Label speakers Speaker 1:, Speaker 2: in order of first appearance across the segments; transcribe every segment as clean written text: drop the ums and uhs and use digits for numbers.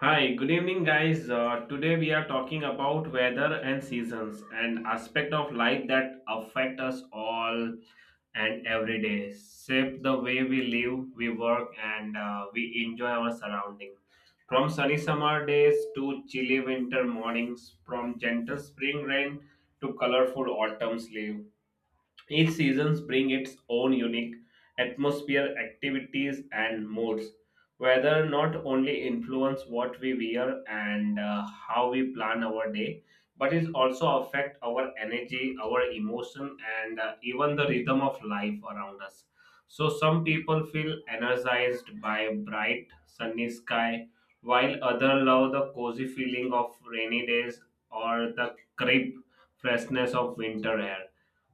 Speaker 1: Hi, good evening, guys. Today we are talking about weather and seasons, an aspect of life that affect us all and every day, shape the way we live, we work, and we enjoy our surroundings. From sunny summer days to chilly winter mornings, from gentle spring rain to colorful autumn's leaves, each season brings its own unique atmosphere, activities, and moods. Weather not only influence what we wear and how we plan our day, but it also affect our energy, our emotion, and even the rhythm of life around us. So some people feel energized by bright sunny sky, while others love the cozy feeling of rainy days or the crisp freshness of winter air.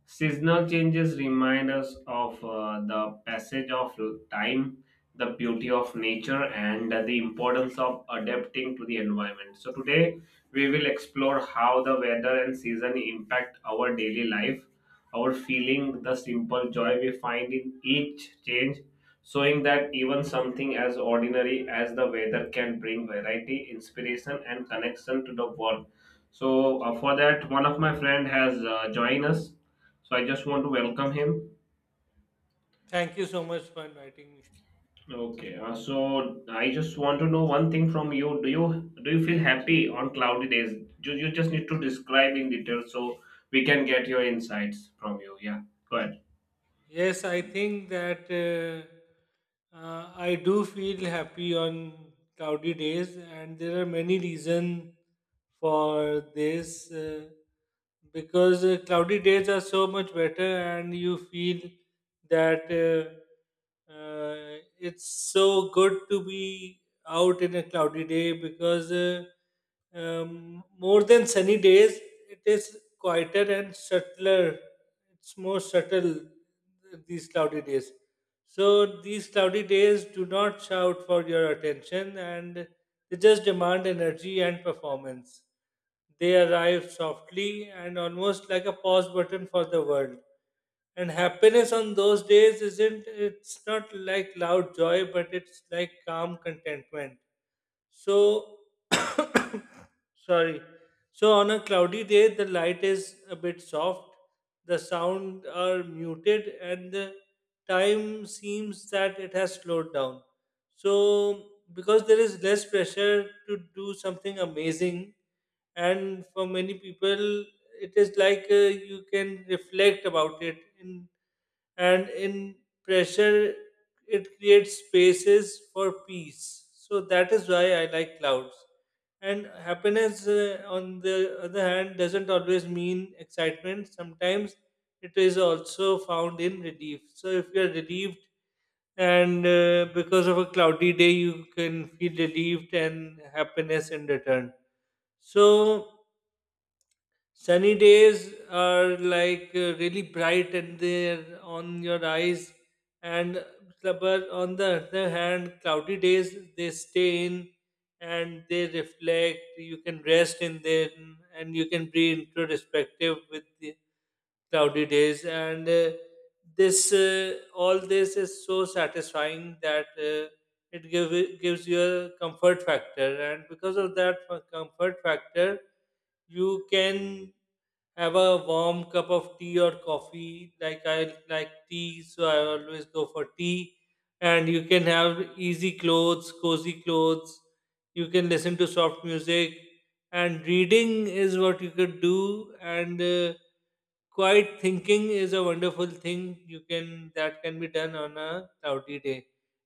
Speaker 1: Seasonal changes remind us of the passage of time, the beauty of nature, and the importance of adapting to the environment. So, today we will explore how the weather and season impact our daily life, our feeling, the simple joy we find in each change, showing that even something as ordinary as the weather can bring variety, inspiration, and connection to the world. So, for that, one of my friend has joined us. So I just want to welcome him.
Speaker 2: Thank you so much for inviting me.
Speaker 1: Okay. So I just want to know one thing from you. Do you feel happy on cloudy days? You just need to describe in detail so we can get your insights from you. Yeah. Go ahead.
Speaker 2: Yes, I think that I do feel happy on cloudy days, and there are many reasons for this, because cloudy days are so much better, and you feel that it's so good to be out in a cloudy day because more than sunny days, it is quieter and subtler. It's more subtle these cloudy days. So these cloudy days do not shout for your attention, and they just demand energy and performance. They arrive softly and almost like a pause button for the world, and happiness on those days isn't, it's not like loud joy, but it's like calm contentment. So Sorry. So on a cloudy day, the light is a bit soft, the sound are muted, and the time seems that it has slowed down. So because there is less pressure to do something amazing, and for many people, it is like, you can reflect about it, in and in pressure it creates spaces for peace. So that is why I like clouds. And happiness, on the other hand, doesn't always mean excitement. Sometimes it is also found in relief. So if you're relieved, and because of a cloudy day, you can feel relieved and happiness in return. So sunny days are like, really bright and they're on your eyes, and but on the other hand, cloudy days they stay in and they reflect. You can rest in them and you can be introspective with the cloudy days, and this, all this is so satisfying that. It gives you a comfort factor, and because of that comfort factor you can have a warm cup of tea or coffee. Like, I like tea, so I always go for tea. And you can have easy clothes, cozy clothes, you can listen to soft music, and reading is what you could do. And quiet thinking is a wonderful thing, you can that can be done on a cloudy day.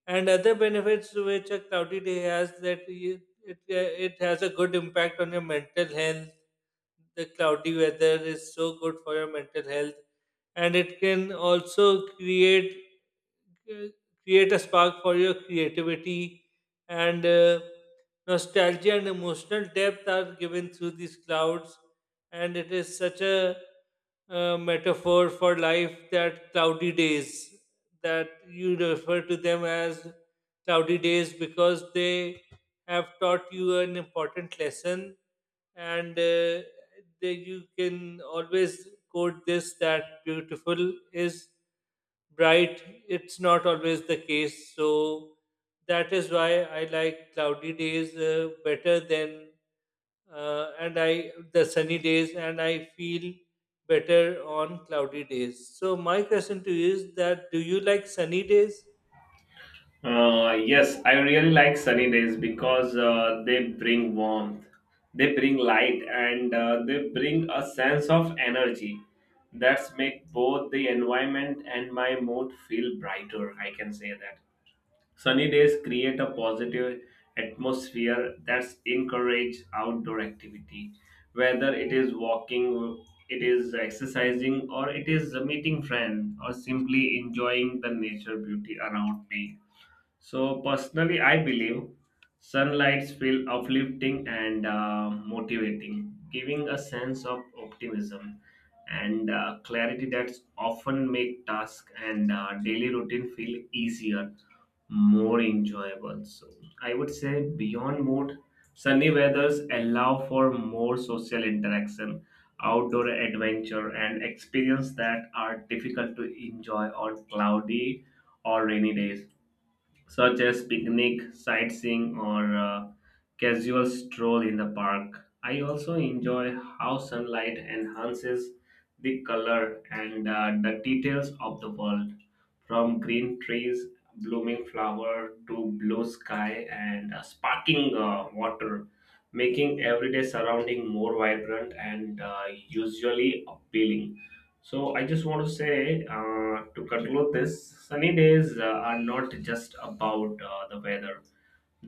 Speaker 2: And other benefits which a cloudy day has, that you, it it has a good impact on your mental health. The cloudy weather is so good for your mental health, and it can also c- create a spark for your creativity, and nostalgia and emotional depth are given through these clouds. And it is such a metaphor for life, that cloudy days, that you refer to them as cloudy days because they have taught you an important lesson. And you can always quote this, that beautiful is bright, it's not always the case. So that is why I like cloudy days better than, and I the sunny days, and I feel better on cloudy days. So my question to you is, that do you like sunny days?
Speaker 1: Yes, I really like sunny days because they bring warmth, they bring light, and they bring a sense of energy that's make both the environment and my mood feel brighter. I can say that. Sunny days create a positive atmosphere that's encourage outdoor activity, whether it is walking, it is exercising, or it is meeting friends, or simply enjoying the nature beauty around me. So personally, I believe sunlights feel uplifting and motivating, giving a sense of optimism and clarity that's often make tasks and daily routine feel easier, more enjoyable. So I would say beyond mood, sunny weathers allow for more social interaction, outdoor adventure, and experience that are difficult to enjoy on cloudy or rainy days such as picnic, sightseeing, or casual stroll in the park. I also enjoy how sunlight enhances the color and the details of the world, from green trees, blooming flower to blue sky and sparkling water, making everyday surrounding more vibrant and usually appealing. So I just want to say to conclude this, sunny days are not just about the weather.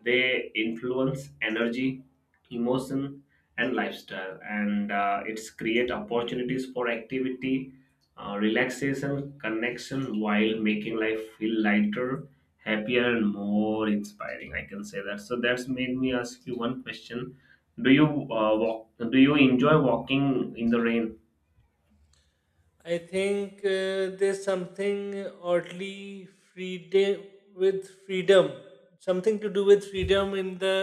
Speaker 1: They influence energy, emotion, and lifestyle, and it's create opportunities for activity, relaxation, connection, while making life feel lighter, happier, and more inspiring. I can say that. So that's made me ask you one question: Do you walk? Do you enjoy walking in the rain?
Speaker 2: I think, there's something oddly freedom, with freedom something to do with freedom in the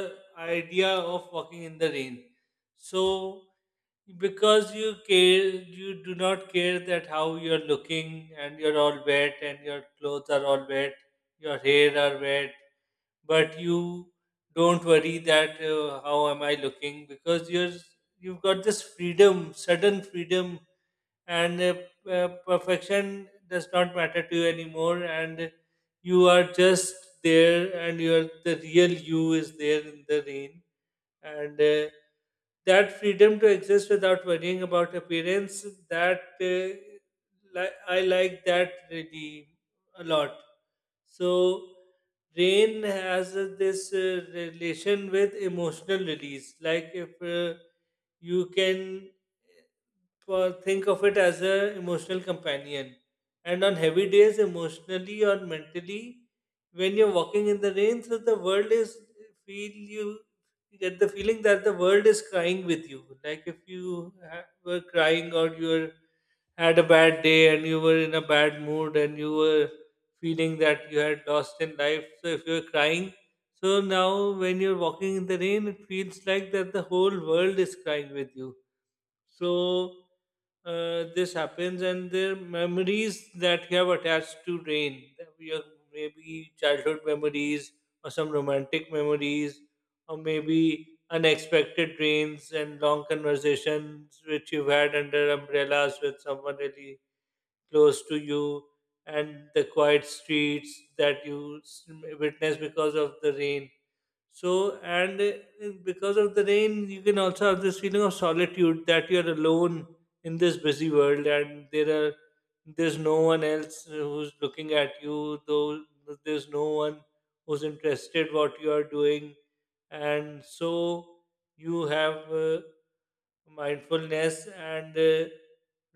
Speaker 2: idea of walking in the rain. So because you care, you do not care that how you're looking, and you're all wet, and your clothes are all wet, your hair are wet, but you don't worry that, how am I looking, because you've got this freedom, sudden freedom. And perfection does not matter to you anymore, and you are just there, and you're the real you is there in the rain. And that freedom to exist without worrying about appearance, that, I like that really a lot. So rain has, this, relation with emotional release. Like, if you can think of it as a emotional companion. And on heavy days, emotionally or mentally, when you're walking in the rain, so the world is feel you, you get the feeling that the world is crying with you. Like if you were crying, or had a bad day, and you were in a bad mood, and you were feeling that you had lost in life. So if you're crying, so now, when you're walking in the rain, it feels like that the whole world is crying with you. So this happens, and the memories that you have attached to rain, your, maybe, childhood memories, or some romantic memories, or maybe unexpected trains and long conversations which you've had under umbrellas with someone really close to you, and the quiet streets that witness because of the rain. So and because of the rain you can also have this feeling of solitude, that you're alone in this busy world, and there's no one else who's looking at you, though there's no one who's interested what you are doing. And so you have, mindfulness. And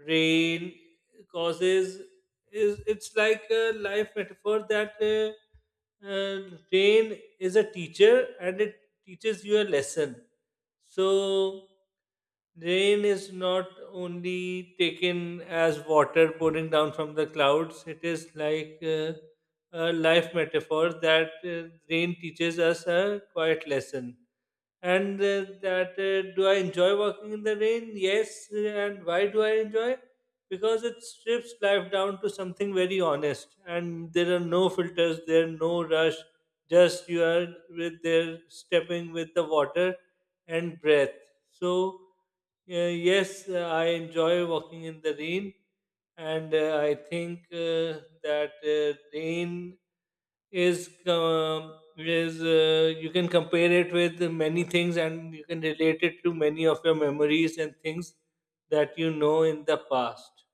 Speaker 2: rain causes is, it's like a life metaphor, that rain is a teacher and it teaches you a lesson. So rain is not only taken as water pouring down from the clouds, it is like, a life metaphor that, rain teaches us a quiet lesson. And that Do I enjoy working in the rain? Yes. And why do I enjoy? Because it strips life down to something very honest, and there are no filters, there are no rush. Just, you are with there, stepping with the water and breath. So yes, I enjoy walking in the rain. And I think, that, rain is you can compare it with many things, and you can relate it to many of your memories and things that you know in the past.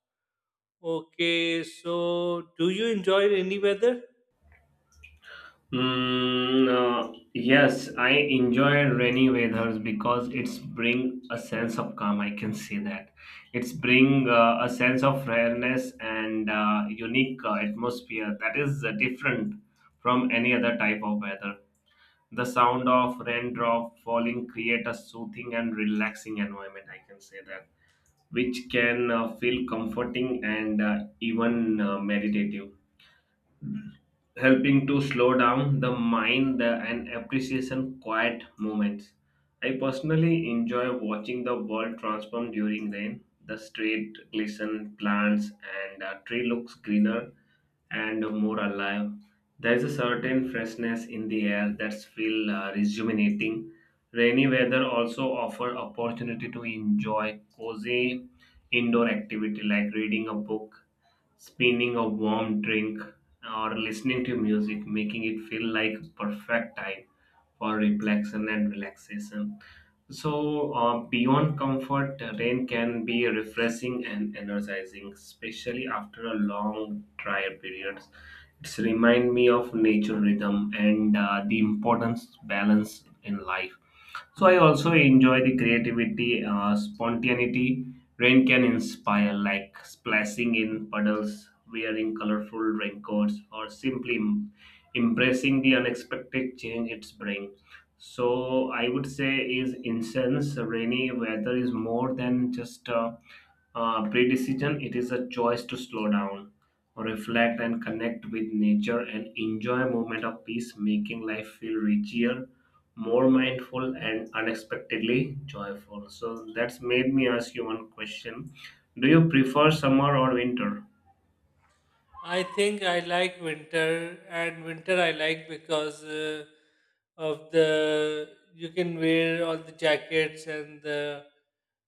Speaker 2: Okay, so do you enjoy rainy weather?
Speaker 1: Yes, I enjoy rainy weathers because it's bring a sense of calm. I can say that it's bring a sense of rareness and unique atmosphere that is different from any other type of weather. The sound of raindrop falling create a soothing and relaxing environment. I can say that, which can feel comforting and even meditative helping to slow down the mind the, and appreciation quiet moments. I personally enjoy watching the world transform during rain. The street glisten, plants and tree looks greener and more alive. There is a certain freshness in the air that's feel rejuvenating. Rainy weather also offer opportunity to enjoy cozy indoor activity like reading a book, spinning a warm drink or listening to music, making it feel like perfect time for reflection and relaxation. So, beyond comfort, rain can be refreshing and energizing, especially after a long dry periods. It's remind me of nature rhythm and the importance balance in life. So I also enjoy the creativity, spontaneity. Rain can inspire, like splashing in puddles, wearing colorful raincoats, or simply embracing the unexpected change it's bring. So I would say is incense. Rainy weather is more than just a, pre-decision. It is a choice to slow down reflect and connect with nature and enjoy a moment of peace, making life feel richer, more mindful, and unexpectedly joyful. So that's made me ask you one question. Do you prefer summer or winter?
Speaker 2: I think I like winter, and winter I like because, of the, you can wear all the jackets and the,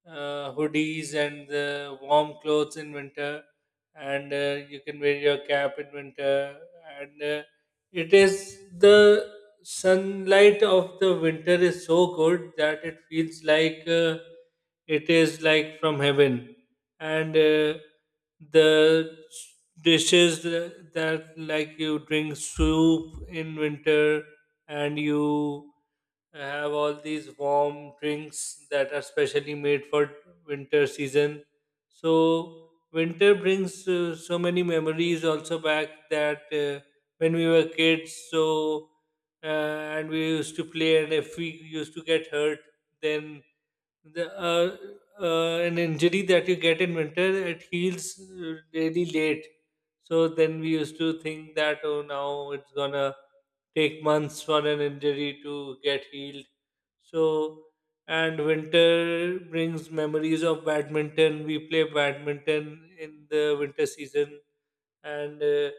Speaker 2: hoodies, and the warm clothes in winter, and you can wear your cap in winter, and it is the sunlight of the winter is so good, that it feels like, it is like from heaven. And The dishes, that, like, you drink soup in winter, and you have all these warm drinks that are specially made for winter season. So winter brings, so many memories also back, that when we were kids. So uh, and we used to play, and if we used to get hurt, then the an injury that you get in winter, it heals really late. So then we used to think that, oh, now it's gonna take months for an injury to get healed. So, and winter brings memories of badminton. We play badminton in the winter season, and uh,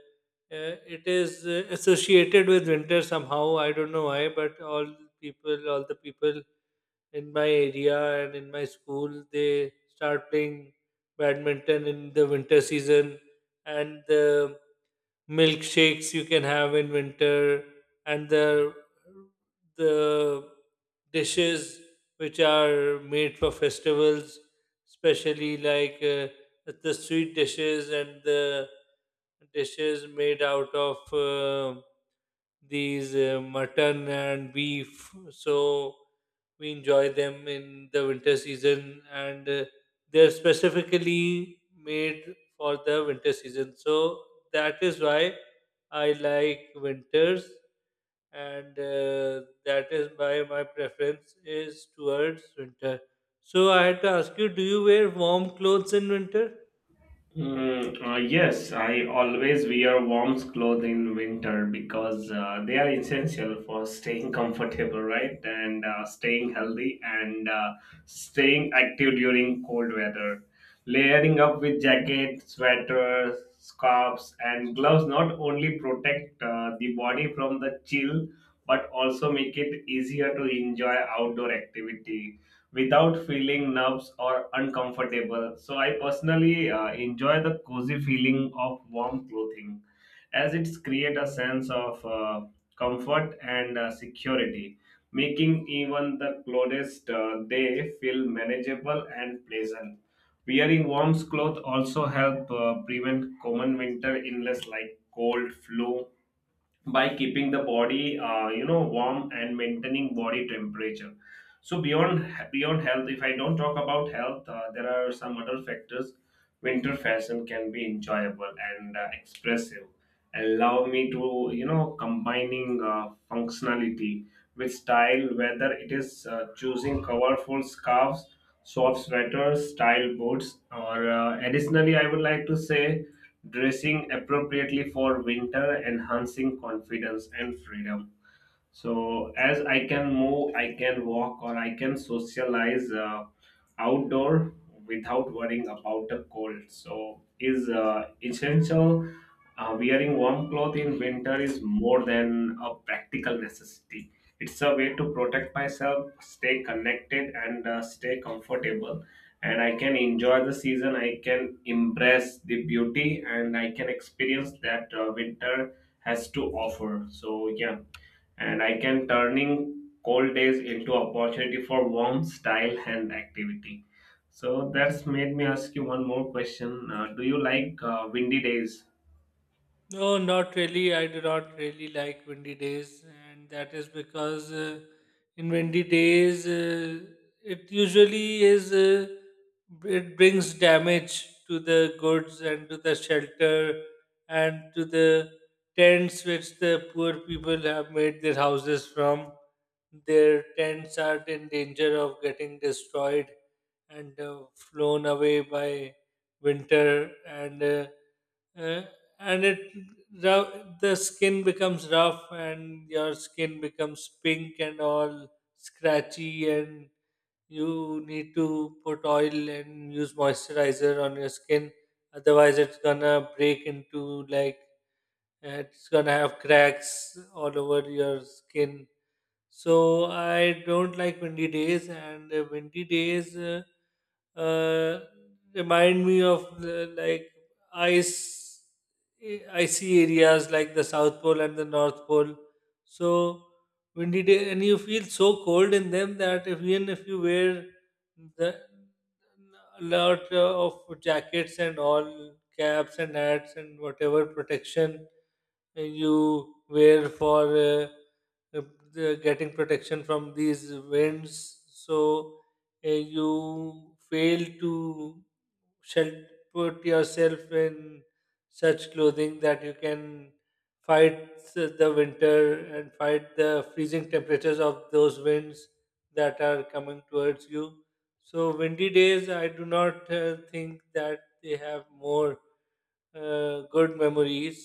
Speaker 2: uh, it is associated with winter somehow. I don't know why, but all the people in my area and in my school, they start playing badminton in the winter season. And the milkshakes you can have in winter, and the the dishes which are made for festivals, especially like, the sweet dishes and the dishes made out of, uh, these, mutton and beef. So we enjoy them in the winter season, and they're specifically made for the winter season. So that is why I like winters, and that is why my preference is towards winter. So I had to ask you, do you wear warm clothes in winter?
Speaker 1: Yes, I always wear warm clothes in winter because they are essential for staying comfortable, right? And staying healthy and staying active during cold weather. Layering up with jacket, sweaters, scarves, and gloves not only protect the body from the chill but also make it easier to enjoy outdoor activity without feeling nerves or uncomfortable. So I personally enjoy the cozy feeling of warm clothing as it creates a sense of comfort and security, making even the coldest day feel manageable and pleasant. Wearing warm clothes also help prevent common winter illness like cold, flu, by keeping the body you know warm and maintaining body temperature. So beyond health, if I don't talk about health, there are some other factors. Winter fashion can be enjoyable and expressive, allow me to you know combining functionality with style, whether it is choosing colorful scarves, soft sweaters, style boots, or additionally, I would like to say dressing appropriately for winter, enhancing confidence and freedom, so as I can move, I can walk, or I can socialize outdoor without worrying about the cold. So is essential, wearing warm cloth in winter is more than a practical necessity. It's a way to protect myself, stay connected and stay comfortable, and I can enjoy the season, I can embrace the beauty, and I can experience that winter has to offer. So yeah, and I can turning cold days into opportunity for warmth, style, and activity. So that's made me ask you one more question. Do you like windy days?
Speaker 2: No, not really. I do not really like windy days, and that is because, in windy days, it usually is it brings damage to the goods, and to the shelter, and to the tents which the poor people have made their houses from. Their tents are in danger of getting destroyed, and flown away by winter. Uh, and it the skin becomes rough, and your skin becomes pink and all scratchy, and you need to put oil and use moisturizer on your skin, otherwise it's gonna break into, like, it's gonna have cracks all over your skin. So I don't like windy days. And windy days, uh, remind me of, like, ice, icy areas like the South Pole and the North Pole. So windy day, and you feel so cold in them, that if, even if you wear the a lot of jackets and all caps and hats and whatever protection you wear for. uh, getting protection from these winds. So you fail to shel- put yourself in such clothing that you can fight s- the winter and fight the freezing temperatures of those winds that are coming towards you. So windy days, I do not think that they have more good memories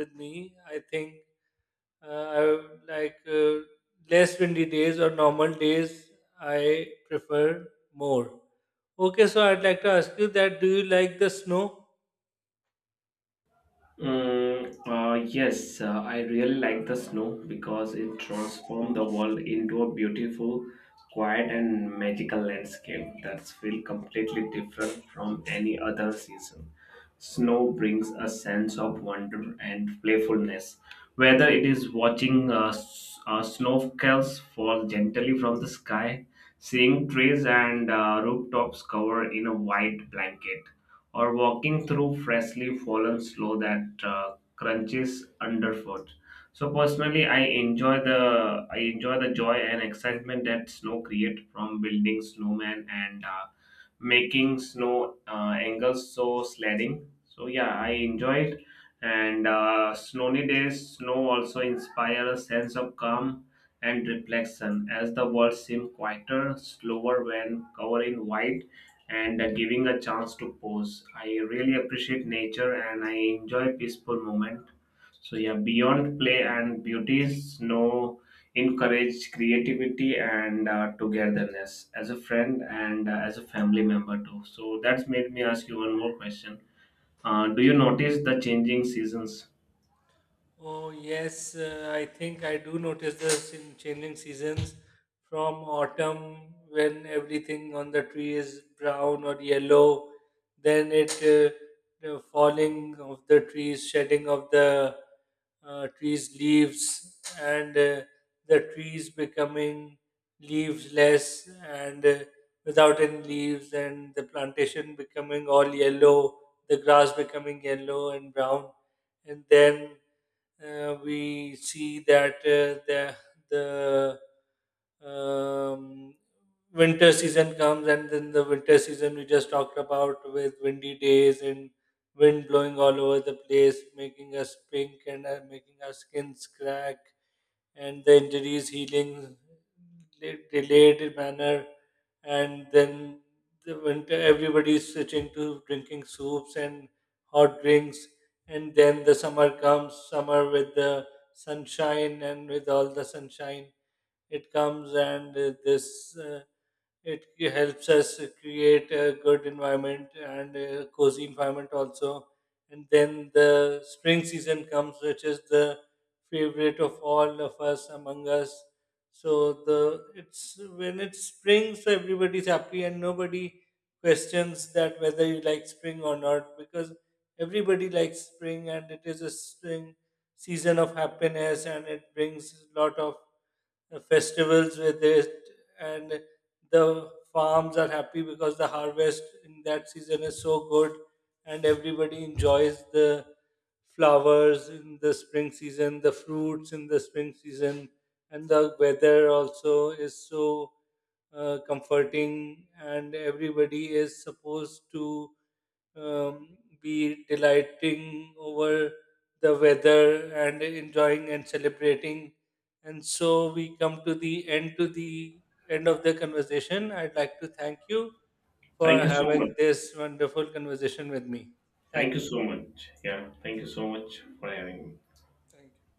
Speaker 2: with me. I think, I would like, less windy days or normal days. I prefer more. Okay, so I'd like to ask you that, do you like the snow?
Speaker 1: Yes, I really like the snow because it transforms the world into a beautiful, quiet, and magical landscape that's feel completely different from any other season. Snow brings a sense of wonder and playfulness, whether it is watching snowflakes fall gently from the sky, seeing trees and rooftops covered in a white blanket or walking through freshly fallen snow that crunches underfoot. So personally, I enjoy the joy and excitement that snow create from building snowman and making snow angles so sledding. So yeah, I enjoy it. And snowy days, snow also inspire a sense of calm and reflection as the world seems quieter, slower when covered in white and giving a chance to pause. I really appreciate nature and I enjoy peaceful moment. So yeah, beyond play and beauties, no encourage creativity and togetherness as a friend and as a family member too. So that's made me ask you one more question. Do you notice the changing seasons?
Speaker 2: Oh, yes, I think I do notice this in changing seasons, from autumn when everything on the tree is brown or yellow, then it the falling of the trees, shedding of the, trees' leaves, and the trees becoming leaves-less, and without any leaves, and the plantation becoming all yellow, the grass becoming yellow and brown, and then, we see that, the the um, winter season comes. And then the winter season we just talked about, with windy days and wind blowing all over the place, making us pink, and making our skins crack, and the injuries healing delayed manner, and then the winter everybody's switching to drinking soups and hot drinks. And then the summer comes, summer with the sunshine, and with all the sunshine it comes, and this, it, helps us create a good environment and a cozy environment also. And then the spring season comes, which is the favorite of all of us, among us. So the it's, when it's spring, so everybody's happy, and nobody questions that whether you like spring or not, because everybody likes spring, and it is a spring season of happiness, and it brings a lot of, festivals with it, and the farms are happy because the harvest in that season is so good, and everybody enjoys the flowers in the spring season, the fruits in the spring season, and the weather also is so, comforting, and everybody is supposed to, be delighting over the weather, and enjoying, and celebrating. And so we come to the end, of the conversation. I'd like to thank you for
Speaker 1: Thank you so much.
Speaker 2: having this wonderful conversation with me.
Speaker 1: Thank
Speaker 2: Thank
Speaker 1: you
Speaker 2: you.
Speaker 1: so much. Yeah, thank you so much for having me.
Speaker 2: Thank you.